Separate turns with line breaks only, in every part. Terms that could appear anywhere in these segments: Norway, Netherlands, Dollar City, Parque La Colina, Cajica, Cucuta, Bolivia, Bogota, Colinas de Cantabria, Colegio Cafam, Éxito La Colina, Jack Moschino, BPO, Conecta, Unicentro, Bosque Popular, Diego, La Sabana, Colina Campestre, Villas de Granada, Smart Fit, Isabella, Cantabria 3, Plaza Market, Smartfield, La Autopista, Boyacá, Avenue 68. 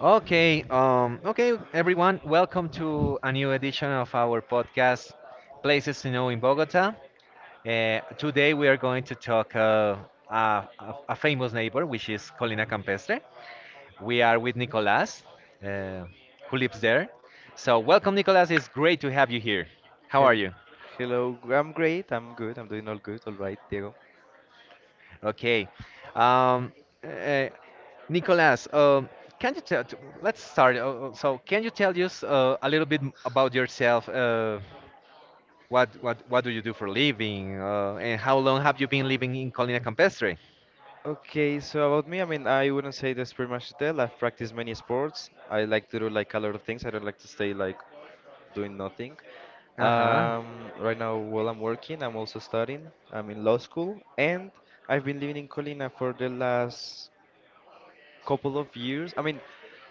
Okay, everyone, welcome to a new edition of our podcast, Places to Know in Bogota. Today we are going to talk a famous neighbor, which is Colina Campestre. We are with Nicolas, uh, who lives there. So, welcome, Nicolas. It's great to have you here. How are
Hel-
you?
Hello, I'm great. I'm good. I'm doing all good. All right, Diego.
Okay. Um, uh, Nicolas, can you tell? T- Let's start. So, can you tell us a little bit about yourself? What do you do for a living? And how long have you been living in Colina Campestre?
Okay, so about me, I mean, I wouldn't say that's pretty much it. I've practiced many sports. I like to do like a lot of things. I don't like to stay like doing nothing.
Uh huh.
Um, right now, while I'm working, I'm also studying. I'm in law school, and I've been living in Colina for the last couple of years. I mean,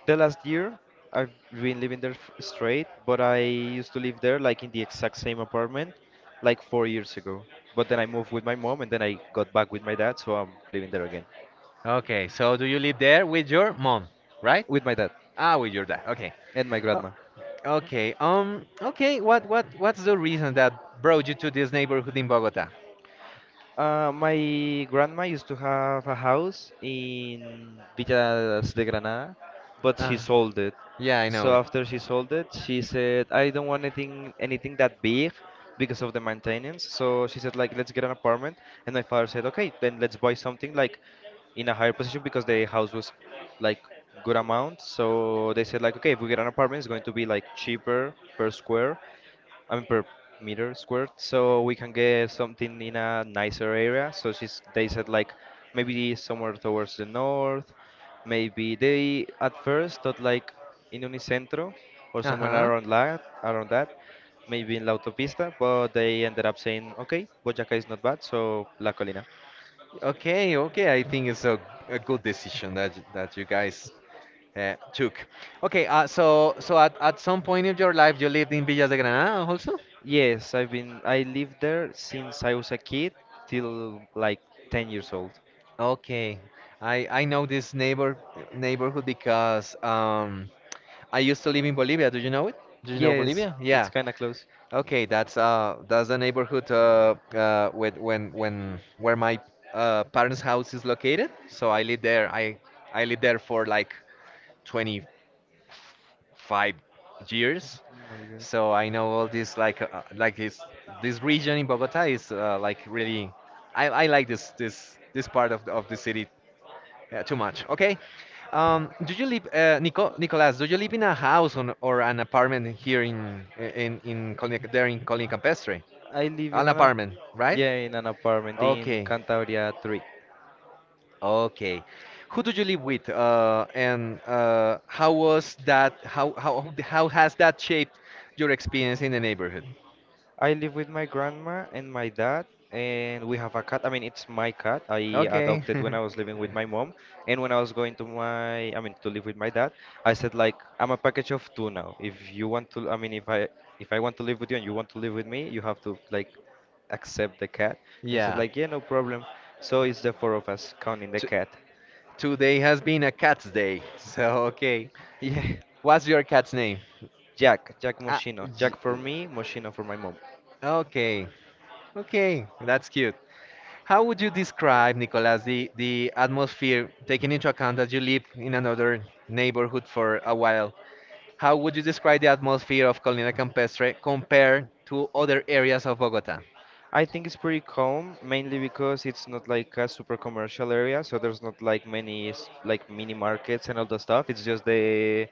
the last year I've been living there straight, but I used to live there like in the exact same apartment like four years ago. But then I moved with my mom and then I got back with my dad, so I'm living there again
Okay. So do you live there with your mom, right?
with my dad
Ah, with your dad. Okay.
and my
Oh,
grandma.
okay. Okay. What's the reason that brought you to this neighborhood in Bogota?
My grandma used to have a house in Villas de Granada, but she
Uh,
sold it.
yeah, I know
So
it.
after she sold it, she said, "I don't want anything that big because of the maintenance." So she said, "Like, let's get an apartment." And my father said, "Okay, then let's buy something like in a higher position because the house was like good amount." So they said, "Like, okay, if we get an apartment, it's going to be like cheaper per square." I mean per meter squared, so we can get something in a nicer area. So she's they said like maybe somewhere towards the north, maybe they at first thought like in Unicentro or
Uh
somewhere
huh.
around that, maybe in La Autopista, but they ended up saying okay, Boyacá is not bad, so La Colina.
Okay. Okay. I think it's a good decision that that you guys took. Okay. So at some point in your life you lived in Villas de Granada also.
Yes, I lived there since I was a kid till like 10 years old.
Okay, I know this neighborhood because I used to live in Bolivia. Do you know it? Do you know
Yes,
Bolivia?
it's
Yeah.
kind of close.
Okay, that's the neighborhood with when where my parents' house is located. So I lived there. I lived there for like 25 years.
Oh my god.
So I know all this like this region in Bogota is like really I like this part of of the city, yeah, too much. Okay. Do you live, Nicolas? Do you live in a house, on, or an apartment here in Colonia, there in Colonia Campestre?
I live in
An
an
apartment, right?
yeah in an apartment in
Okay.
Cantabria 3.
Okay. Who do you live with? And how was that? How has that shaped your experience in the neighborhood?
I live with my grandma and my dad, and we have a cat. I mean, it's my cat. I
Okay.
adopted when I was living with my mom, and when I was going to my, I mean, to live with my dad, I said like, I'm a package of two now. If you want to, I mean, if I want to live with you and you want to live with me, you have to like accept the cat. And he said
Yeah.
like, yeah, no problem. So it's the four of us counting the
T
cat.
Today has been a cat's day. So, okay.
Yeah,
What's your cat's name?
Jack, Jack
Ah,
Moschino, Jack
j-
for me, Moschino for my mom.
okay. Okay, that's cute. How would you describe, Nicolas, the atmosphere, taking into account that you live in another neighborhood for a while? How would you describe the atmosphere of Colina Campestre compared to other areas of Bogota?
I think it's pretty calm, mainly because it's not like a super commercial area, so there's not like many like mini markets and all the stuff. It's just the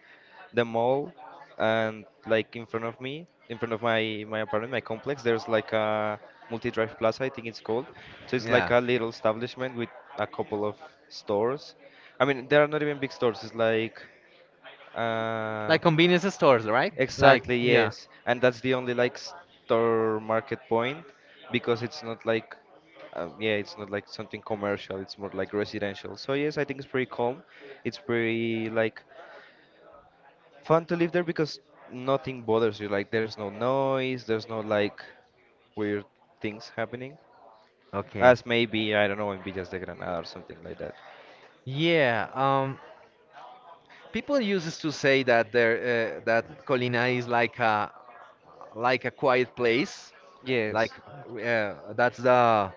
the mall, and like in front of me, in front of my apartment, my complex, there's like a multi-drive plaza, I think it's called. So it's like
Yeah,
a little establishment with a couple of stores. I mean, they are not even big stores. It's like uh,
like convenience stores, right? Like,
Exactly,
yeah.
yes. And that's the only like store market point because it's not like yeah, it's not like something commercial, it's more like residential. So yes, I think it's pretty calm. It's pretty like fun to live there because nothing bothers you. Like there's no noise, there's no like weird things happening.
Okay.
As maybe, I don't know, in Villas de Granada or something like that.
Yeah. People used to say that there, that Colina is like a quiet place, like
Yes.
that's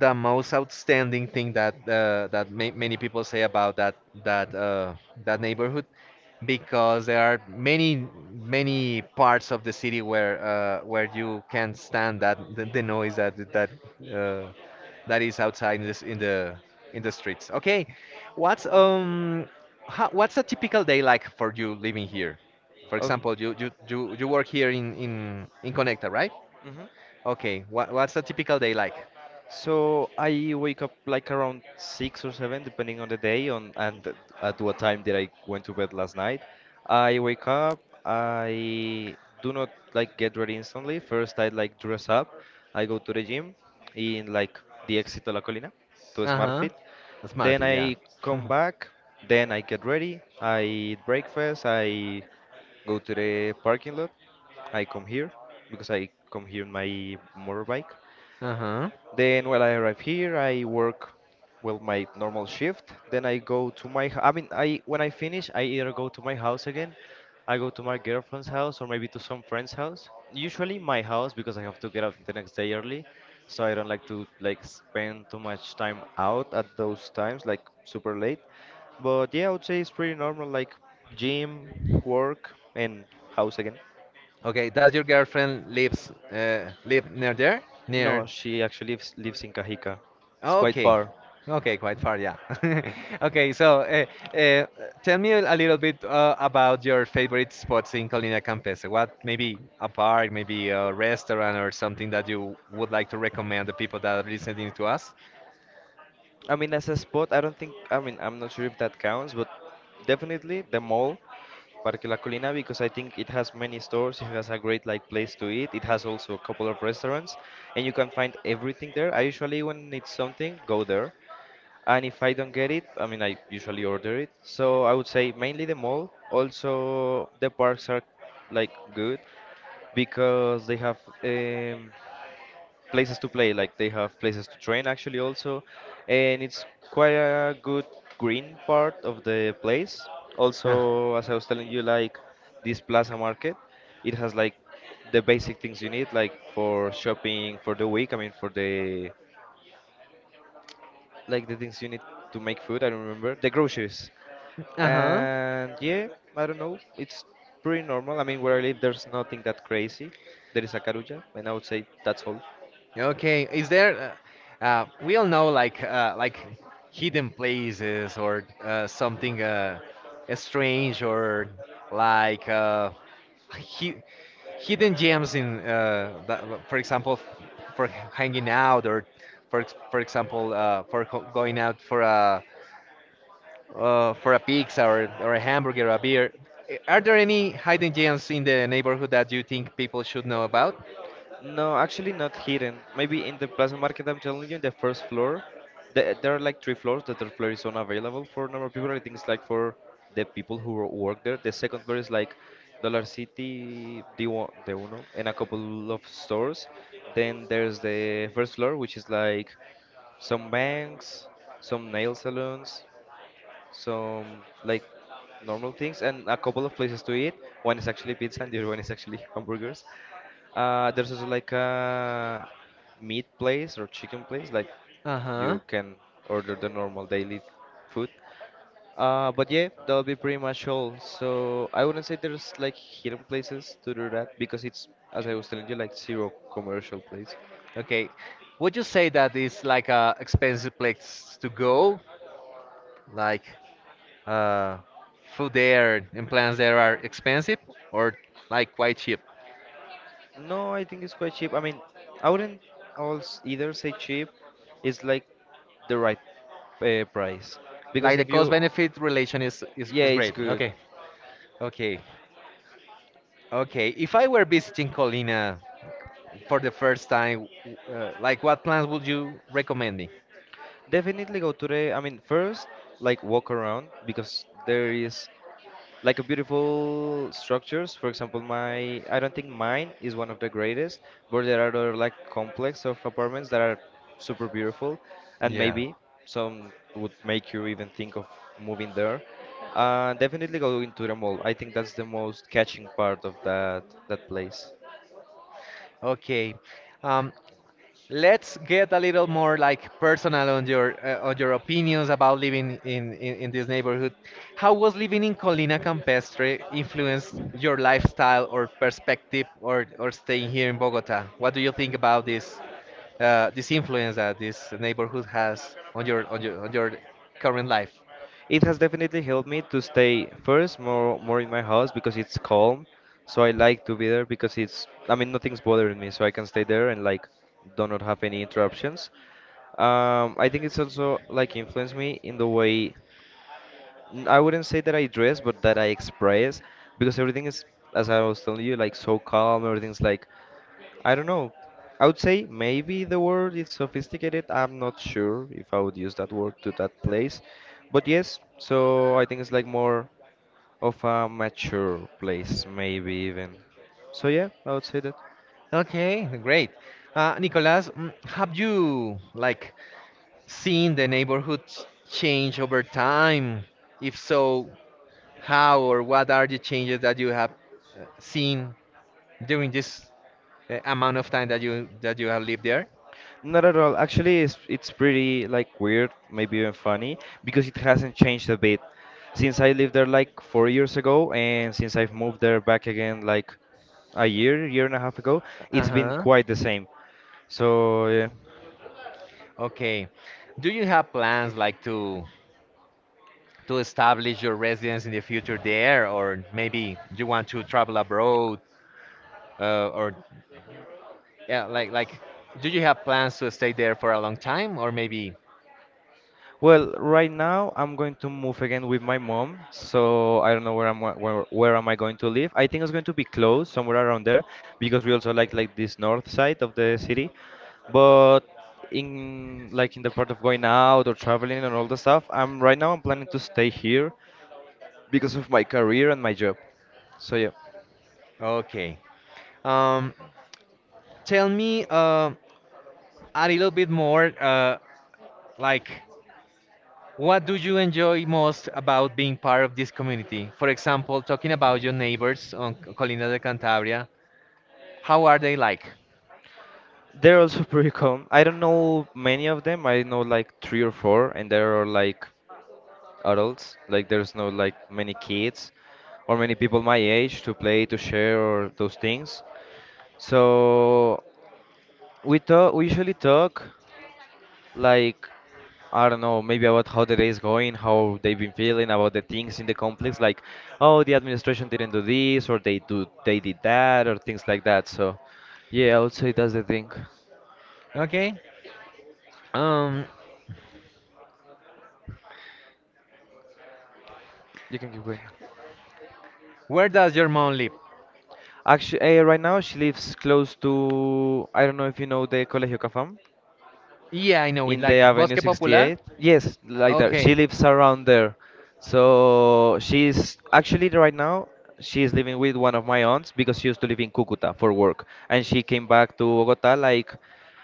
the most outstanding thing that that many people say about that that neighborhood, because there are many parts of the city where you can't stand that the noise that uh, that is outside in the streets. Okay, what's um what's a typical day like for you living here? For
Oh,
example, you work here in Conecta, right? Okay, what's a typical day like?
so I wake up like around six or seven, depending on the day, on and at what time did I went to bed last night. I wake up. I do not like get ready instantly. First, I like dress up. I go to the gym in like the Éxito La Colina to Smart
Uh-huh.
Fit. Then
Smartfield, yeah.
I come back. Then I get ready. I eat breakfast. I go to the parking lot. I come here because I come here in my motorbike.
Uh-huh.
Then when I arrive here, I work well my normal shift. Then I go to my I mean I when I finish, I either go to my house again, I go to my girlfriend's house or maybe to some friend's house. Usually my house because I have to get out the next day early, so I don't like to like spend too much time out at those times like super late. But yeah, I would say it's pretty normal like gym, work and house again.
Okay, does your girlfriend lives live near there? Near.
No, she actually lives in Cajica. It's quite
Okay.
far.
Okay, quite far, yeah. Okay, so tell me a little bit about your favorite spots in Colina Campestre. What maybe a park, maybe a restaurant or something that you would like to recommend the people that are listening to us?
I mean, as a spot, I don't think, I mean, I'm not sure if that counts, but definitely the mall, Parque La Colina, because I think it has many stores, it has a great like place to eat, it has also a couple of restaurants, and you can find everything there. I usually, when it's something, go there, and if I don't get it, I mean, I usually order it. So I would say mainly the mall. Also, the parks are like good because they have um, places to play like they have places to train actually also and it's quite a good green part of the place
Uh,
also as I was telling you like this plaza market it has like the basic things you need like for shopping for the week I mean for the like the things you need to make food I don't remember the groceries
uh-huh.
and yeah I don't know it's pretty normal I mean where I live there's nothing that crazy there is a Carulla and I would say that's all.
Okay, is there? We all know like hidden places or something strange or like hi- hidden gems in, that, for example, for hanging out or for example, going out for a pizza or a hamburger or a beer. Are there any hidden gems in the neighborhood that you think people should know about?
No, actually not hidden. Maybe in the Plaza Market, I'm telling you, in the first floor, there are like three floors. The third floor is unavailable for normal people. I think it's like for the people who work there. The second floor is like Dollar City, d one, the Uno, and a couple of stores. Then there's the first floor, which is like some banks, some nail salons, some like normal things, and a couple of places to eat. One is actually pizza, and the other one is actually hamburgers. There's also like a meat place or chicken place, like
Uh huh.
you can order the normal daily food. But yeah, that'll be pretty much all. So I wouldn't say there's like hidden places to do that because it's, as I was telling you, like zero commercial place.
Okay. Would you say that it's like a expensive place to go? Like uh food there and plants there are expensive or like quite cheap?
No, I think it's quite cheap. I mean, I wouldn't also either say cheap. It's like the right price because
Like the
if
cost
you,
benefit relation is, is,
yeah,
is
it's
great.
good.
Okay. Okay. Okay. If I were visiting Colina for the first time, like what plans would you recommend me?
Definitely go today. I mean, first, like walk around because there is like a beautiful structures. For example, my I don't think mine is one of the greatest, but there are other like complex of apartments that are super beautiful, and
Yeah.
maybe some would make you even think of moving there. Definitely go into the mall. I think that's the most catching part of that place.
Okay. Um, Let's get a little more like personal on your opinions about living in this neighborhood. How was living in Colina Campestre influenced your lifestyle, or perspective, or staying here in Bogota? What do you think about this influence that this neighborhood has on your on your on your current life?
It has definitely helped me to stay first more in my house because it's calm. So I like to be there because it's I mean nothing's bothering me, so I can stay there and like do not have any interruptions. I think it's also like influenced me in the way I wouldn't say that I dress, but that I express because everything is, as I was telling you, like so calm. Everything's like I don't know. I would say maybe the word is sophisticated. I'm not sure if I would use that word to that place. But yes, so I think it's like more of a mature place, maybe even. So yeah, I would say that.
Okay, great. Nicolas, have you like seen the neighborhood change over time? If so, how or what are the changes that you have seen during this amount of time that you have lived there?
Not at all. Actually, it's pretty like weird, maybe even funny, because it hasn't changed a bit since I lived there like four years ago, and since I've moved there back again like a year, year and a half ago. It's been
Uh-huh.
quite the same. So yeah.
Okay. Do you have plans like to establish your residence in the future there, or maybe you want to travel abroad, or yeah, like, do you have plans to stay there for a long time, or maybe?
Well, right now I'm going to move again with my mom, so I don't know where where am I going to live. I think it's going to be close, somewhere around there, because we also like this north side of the city. But in like in the part of going out or traveling and all the stuff, I'm right now I'm planning to stay here because of my career and my job. So yeah.
Okay. Um, tell me a little bit more, like, what do you enjoy most about being part of this community? For example, talking about your neighbors on Colinas de Cantabria. How are they like?
They're also pretty calm. I don't know many of them. I know like three or four, and they're like adults. Like there's no like many kids or many people my age to play, to share, or those things. So we usually talk like I don't know, maybe about how the day is going, how they've been feeling about the things in the complex, like oh the administration didn't do this or they did that or things like that. So yeah, I would say that's the thing.
Okay. Um,
You can keep going.
where does your mom live?
Actually, right now she lives close to I don't know if you know the Colegio Cafam.
Yeah, I know it.
In the
Like
Avenue
Bosque Popular?
68. Yes, like that. She
Okay.
lives around there. So she's actually right now She's living with one of my aunts because she used to live in Cucuta for work, and she came back to Bogota, like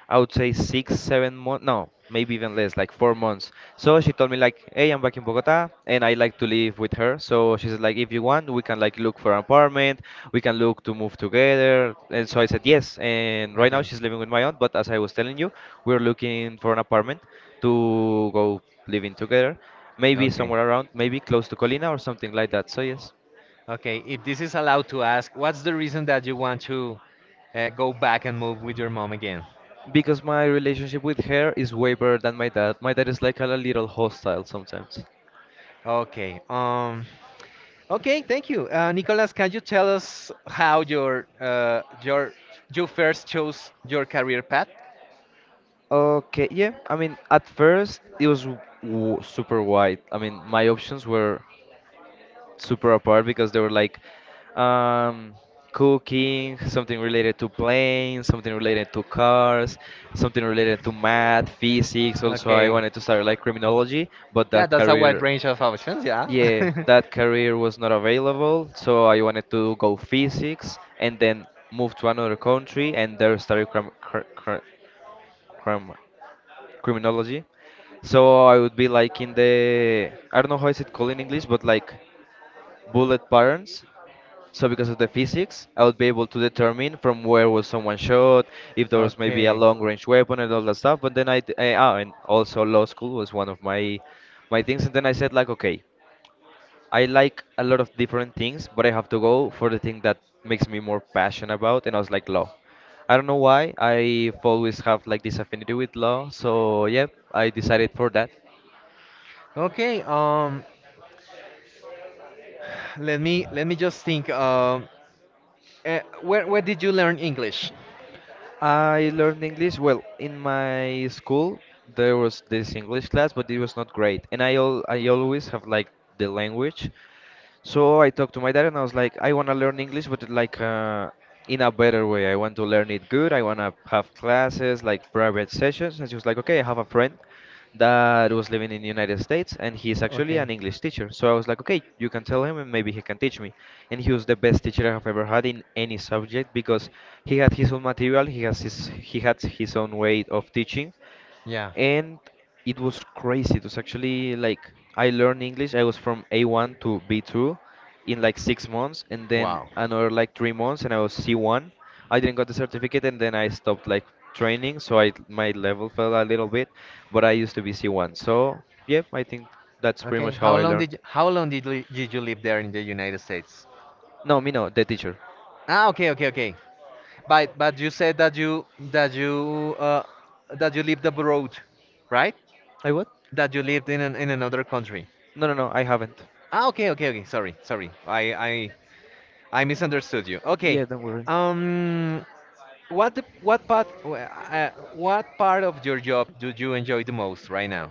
I would say six, 7 months, no, maybe even less, like 4 months. So she told me like, hey, I'm back in Bogota, and I like to live with her. So she said like, if you want, we can like look for an apartment, we can look to move together. And so I said yes. And right now
Okay.
she's living with my aunt, but as I was telling you, we're looking for an apartment to go living together, maybe
Okay.
somewhere around, maybe close to Colina or something like that. So yes,
Okay. If this is allowed to ask, what's the reason that you want to go back and move with your mom again?
because my relationship with her is way better than my dad. My dad is like a little hostile sometimes.
Okay. Okay, thank you. Nicolas, can you tell us how you first chose your career path?
Okay, yeah. I mean, at first it was super wide. I mean, my options were super apart because they were like um, cooking, something related to planes, something related to cars, something related to math, physics. Also, I
Okay.
wanted to start like criminology, but
Yeah,
that
that's a wide
career.
range of options, yeah.
Yeah, that career was not available, so I wanted to go physics and then move to another country and there study crim cr cr crim criminology. So I would be like in the, I don't know how is it called in English, but like bullet patterns. So because of the physics, I would be able to determine from where was someone shot, if there was maybe a
Okay.
long-range weapon and all that stuff. But then I, d- I- ah, and also law school was one of my my things. And then I said like, okay. I like a lot of different things, but I have to go for the thing that makes me more passionate about, and I was like law. I don't know why I've always have like this affinity with law, so yep, I decided for that.
Okay, let me just think. Where did you learn English?
I learned English well in my school. There was this English class, but it was not great, and I always have like the language. So I talked to my dad and I was like, I want to learn English, but like in a better way. I want to learn it good. I want to have classes, like private sessions. And she was like, okay, I have a friend that was living in the United States and he's actually
Okay,
an English teacher. So I was like, okay, you can tell him and maybe he can teach me. And he was the best teacher I have ever had in any subject because he had his own material, he had his own way of teaching,
yeah.
and it was crazy. It was actually like I learned English. I was from A1 to B2 in like 6 months, and then
Wow.
another like 3 months, and I was C1. I didn't got the certificate, and then I stopped like training, so I my level fell a little bit, but I used to be C1. So yeah, I think that's pretty
Okay,
much how
how
I
long did
learned.
you, how long did you live there in the United States?
No, me no, the teacher.
Ah, okay, okay, okay. But you said that you uh, that you lived abroad, right?
I what?
That you lived in another country.
No, no, no, I haven't.
Ah, okay, okay, okay. Sorry, sorry. I misunderstood you.
Yeah,
Okay.
don't worry.
Um, what the, what part wh- what part of your job do you enjoy the most right now?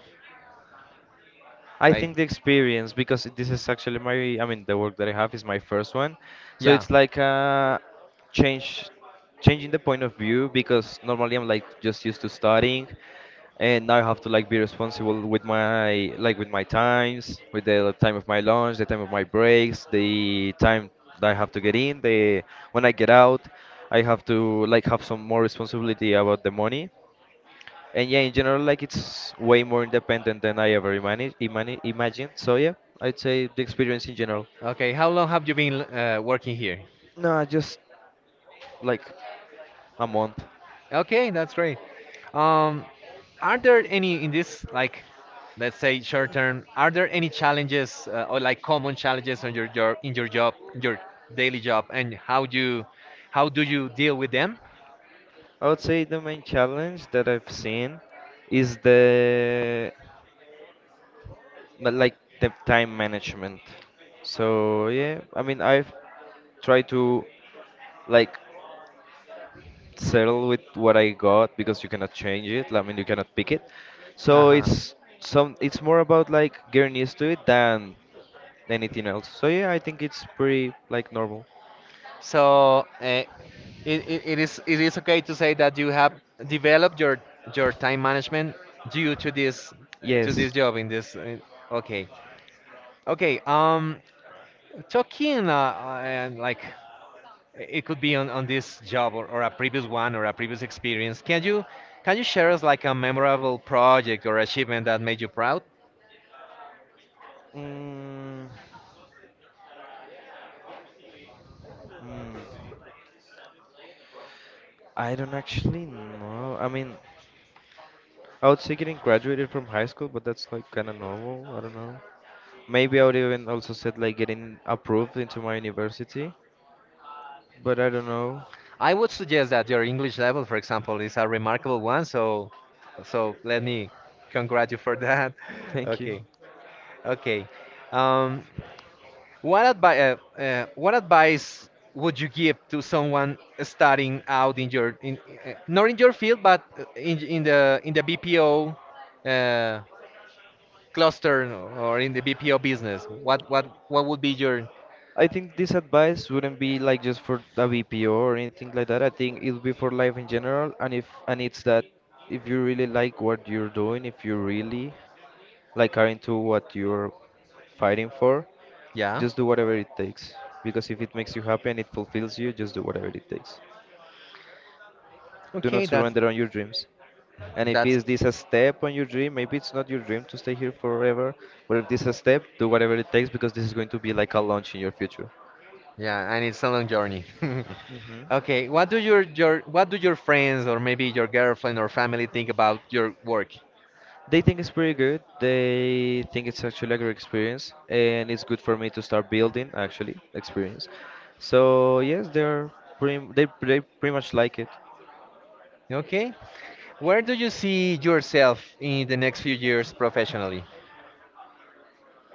I
Right?
think the experience, because this is actually my, I mean, the work that I have is my first one. So
Yeah.
it's like a change, changing the point of view because normally I'm like just used to studying and now I have to like be responsible with my, like with my times, with the time of my lunch, the time of my breaks, the time that I have to get in, the, when I get out, I have to like have some more responsibility about the money, and yeah, in general, like it's way more independent than I ever imagined. So yeah, I'd say the experience in general.
Okay. How long have you been working here?
No, just like a month.
Okay, that's great. Um, are there any, in this like, let's say short term? Are there any challenges or like common challenges on your job in your job, in your daily job, and how do you deal with them?
I would say the main challenge that I've seen is the, but like the time management. So yeah, I mean, I've tried to like settle with what I got because you cannot change it, I mean, you cannot pick it.
Uh
So
huh.
it's some, it's more about like getting used to it than anything else. So yeah, I think it's pretty like normal.
So it is okay to say that you have developed your time management due to
Yes.
this job in this. Okay. Okay. Talking like, it could be on this job, or a previous one or a previous experience. Can you share us like a memorable project or achievement that made you proud?
Mm, mm, I don't actually know. I mean, I would say getting graduated from high school, but that's like kind of normal. I don't know. Maybe I would even also said like getting approved into my university, but I don't know.
I would suggest that your English level, for example, is a remarkable one. So let me congratulate you for that.
Thank you.
Okay, okay. Um, what advice would you give to someone starting out in your in not in your field, but in the BPO, uh, cluster, or in the BPO business? What would be your
I think this advice wouldn't be like just for a BPO or anything like that. I think it would be for life in general, and if, and it's that if you really like what you're doing, if you really like are into what you're fighting for,
yeah?
just do whatever it takes. Because if it makes you happy and it fulfills you, just do whatever it takes. Do
Okay,
not surrender on your dreams. And if
that's
is this a step on your dream, maybe it's not your dream to stay here forever, but if this is a step, do whatever it takes because this is going to be like a launch in your future.
yeah, and it's a long journey.
Hmm.
Okay, what do your friends or maybe your girlfriend or family think about your work?
They think it's pretty good. They think it's actually a great experience, and it's good for me to start building actually experience. So yes, they pretty much like it.
Okay, where do you see yourself in the next few years professionally?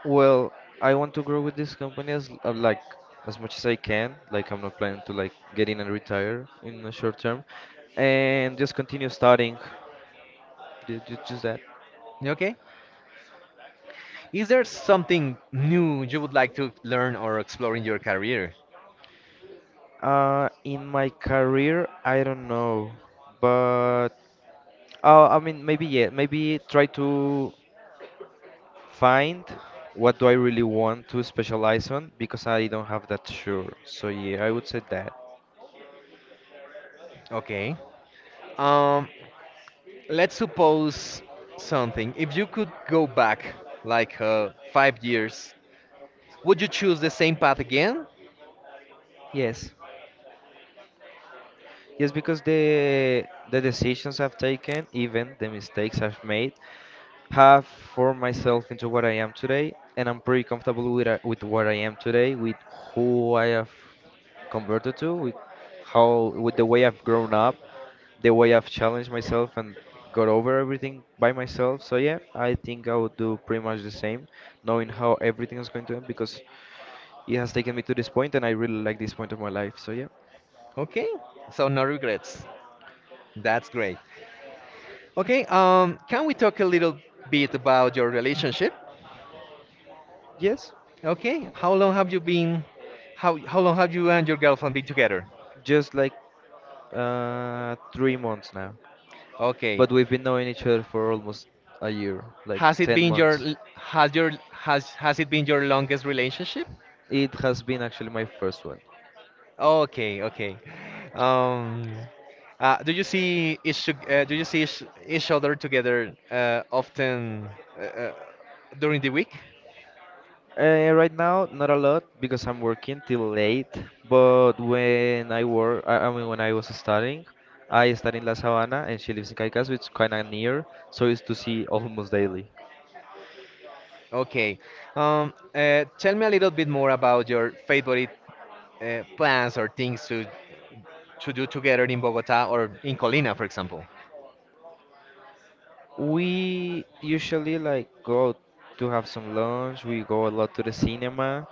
Well, I want to grow with this company as like as much as I can. Like I'm not planning to like get in and retire in the short term, and just continue studying. Just that.
Okay, is there something new you would like to learn or explore in your career?
In my career, I don't know, but I mean maybe yeah, maybe try to find what do I really want to specialize on because I don't have that sure. So yeah, I would say that.
Okay. Um, Let's suppose something. If you could go back like 5 years, would you choose the same path again?
Yes. Yes, because the decisions I've taken, even the mistakes I've made, have formed myself into what I am today, and I'm pretty comfortable with with what I am today, with who I have converted to, with how, with the way I've grown up, the way I've challenged myself and got over everything by myself. So yeah, I think I would do pretty much the same, knowing how everything is going to end because it has taken me to this point, and I really like this point of my life. So yeah,
Okay, so no regrets. That's great. Okay, can we talk a little bit about your relationship?
yes,
Okay, how long have you been? How long have you and your girlfriend been together?
just like, uh, 3 months now.
Okay,
But we've been knowing each other for almost a year, like 10 months.
has it been your longest relationship?
It has been actually my first one.
Okay, okay. Um, do you see each other together often uh, uh, during the week?
Right now, not a lot because I'm working till late. But when I work, I mean, when I was studying, I studied in La Sabana and she lives in Caicas, which is kind of near, so it's to see almost daily.
Okay. Tell me a little bit more about your favorite plans or things to do together in Bogota or in Colina, for example.
We usually like go to have some lunch. We go a lot to the cinema.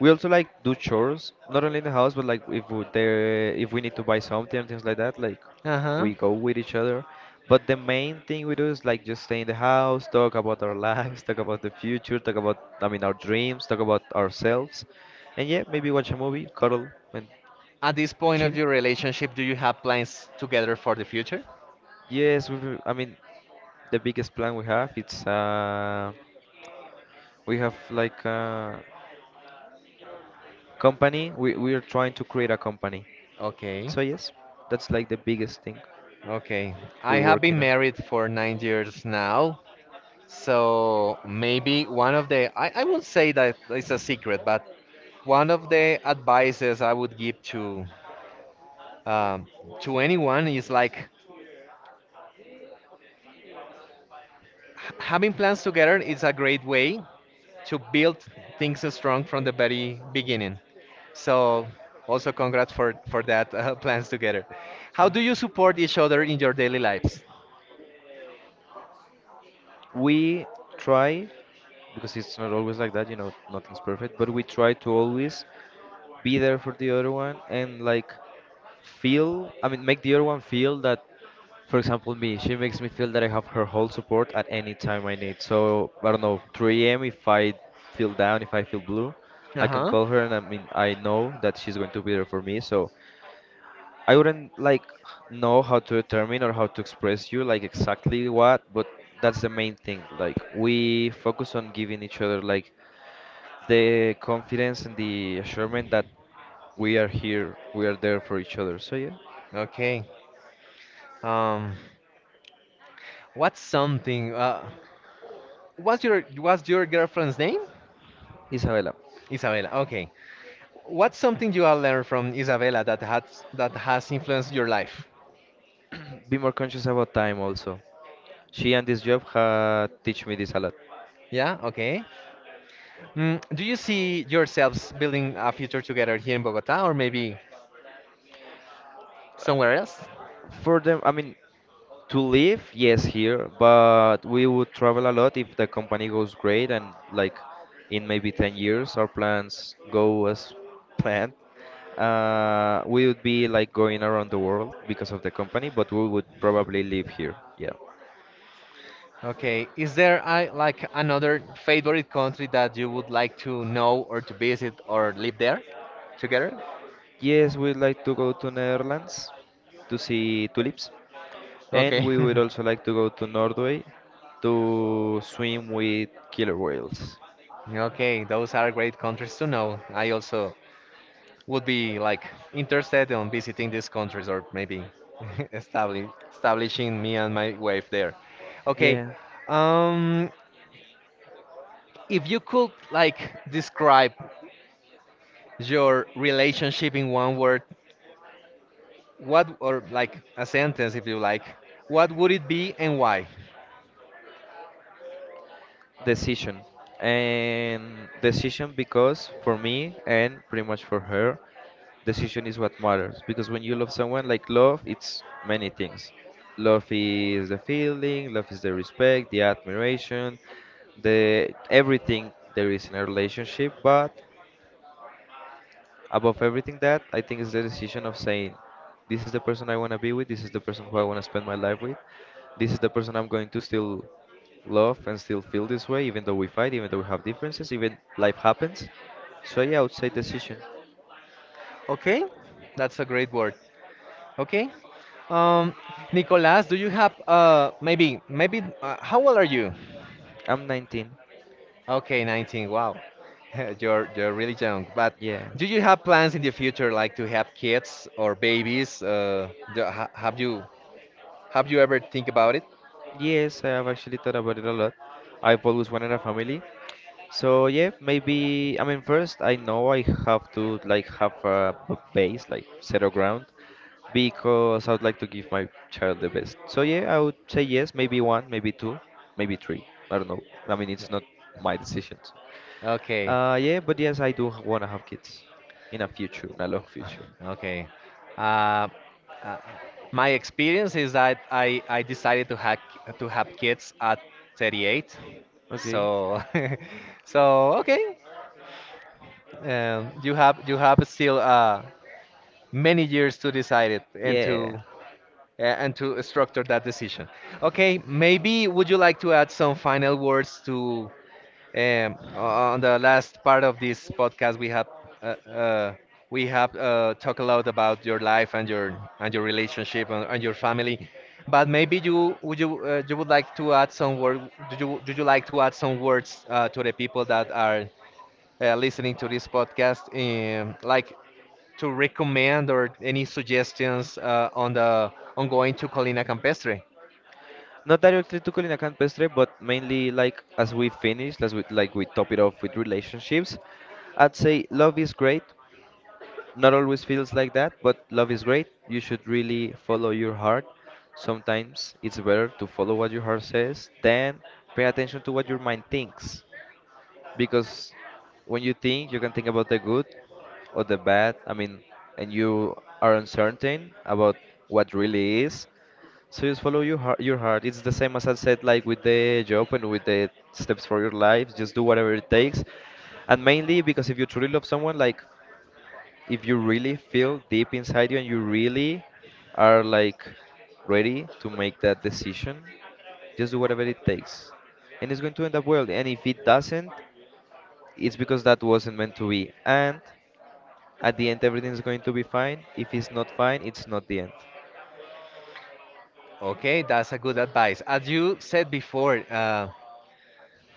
We also like do chores, not only in the house, but like if we, there, if we need to buy something and things like that, like
Uh-huh.
we go with each other. But the main thing we do is like just stay in the house, talk about our lives, talk about the future, talk about, I mean, our dreams, talk about ourselves, and yeah, maybe watch a movie, cuddle, and
At this point of
chill.
your relationship, do you have plans together for the future?
Yes, we. I mean, the biggest plan we have it's uh, we have like a company. We are trying to create a company.
Okay.
So yes, that's like the biggest thing.
Okay. I
We're
have been
working on.
married for 9 years now. So maybe I won't say that it's a secret, but one of the advices I would give um, to anyone is like, having plans together is a great way to build things strong from the very beginning. So also congrats for that plans together. How do you support each other in your daily lives?
We try, because it's not always like that, you know, nothing's perfect, but we try to always be there for the other one and like feel, I mean, make the other one feel that, for example, me, she makes me feel that I have her whole support at any time I need. So, I don't know, 3 a.m. if I feel down, if I feel blue, I can
Uh-huh.
call her and, I mean, I know that she's going to be there for me. So, I wouldn't like know how to determine or how to express you like exactly what, but that's the main thing. Like we focus on giving each other like the confidence and the assurance that we are here, we are there for each other. So yeah,
Okay. Um, what's something? What's your girlfriend's name?
Isabella,
Isabella. Okay. What's something you have learned from Isabella that has influenced your life?
be more conscious about time also. She and this job ha teach me this a lot.
Yeah. Okay. Do you see yourselves building a future together here in Bogota or maybe somewhere else?
For them, I mean, to live, yes, here, but we would travel a lot if the company goes great and like in maybe 10 years our plans go as planned. We would be like going around the world because of the company, but we would probably live here. Yeah.
Okay. Is there like another favorite country that you would like to know or to visit or live there together?
Yes, we'd like to go to Netherlands to see tulips, and
Okay.
we would also like to go to Norway to swim with killer whales.
Okay, those are great countries to know. I also would be like interested in visiting these countries, or maybe establishing me and my wife there. Okay,
Yeah.
um, if you could like describe your relationship in one word, what, or like a sentence if you like, what would it be and why?
Decision. And decision Because for me and pretty much for her, decision is what matters because when you love someone, like love, it's many things. Love is the feeling, love is the respect, the admiration, the everything there is in a relationship, but above everything that, I think is the decision of saying, this is the person I want to be with, this is the person who I want to spend my life with, this is the person I'm going to still love and still feel this way, even though we fight, even though we have differences, even life happens. So yeah, I would say decision.
Okay, that's a great word. Okay. Um, Nicolas, do you have maybe maybe how old are you?
I'm 19.
Okay, 19. Wow. You're really young. But
Yeah.
do you have plans in the future, like to have kids or babies? Have you ever think about it?
Yes, I have actually thought about it a lot. I've always wanted a family. So yeah, maybe, I mean first I know I have to like have a base, like set a ground because I would like to give my child the best. So yeah, I would say yes, maybe one, maybe two, maybe three. I don't know. I mean, it's not my decision. So.
Okay.
Yeah, but yes, I do want to have kids in a future, in a long future.
Okay. Uh, uh, my experience is that I decided to have kids at 38.
Okay.
So so okay. You have still many years to decide it, and
Yeah.
to structure that decision. Okay, maybe would you like to add some final words to on the last part of this podcast? Uh, uh, we have talked a lot about your life, and your relationship and your family, but maybe you would like to add some word? Do you like to add some words to the people that are listening to this podcast, like, to recommend or any suggestions on the on going to Colina Campestre.
Not directly to Colina Campestre, but mainly like as we finish, as we like we top it off with relationships. I'd say love is great. Not always feels like that, but love is great. You should really follow your heart. Sometimes it's better to follow what your heart says than pay attention to what your mind thinks. Because when you think, you can think about the good or the bad. I mean, and you are uncertain about what really is. So just follow your heart. Your heart. It's the same as I said, like with the job and with the steps for your life. Just do whatever it takes, and mainly because if you truly love someone, like if you really feel deep inside you and you really are like ready to make that decision, just do whatever it takes. And it's going to end up well. And if it doesn't, it's because that wasn't meant to be. And at the end, everything is going to be fine. If it's not fine, it's not the end.
Okay, that's a good advice. As you said before, uh,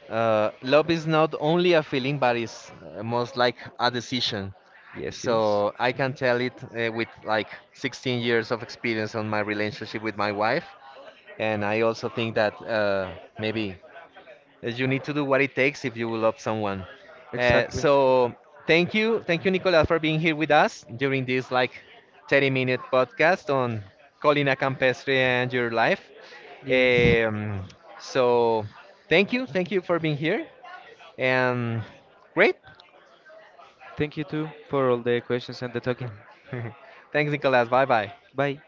uh, love is not only a feeling, but it's most like a decision.
Yes, it is.
So I can tell it with like 16 years of experience on my relationship with my wife, and I also think that maybe you need to do what it takes if you love someone. Uh,
Exactly.
so thank you, Nicolas, for being here with us during this like 30-minute podcast on Colina Campestre and your life.
Yes.
Um, so thank you for being here, and great.
Thank you too for all the questions and the talking.
Thanks, Nicolas. Bye bye.
Bye.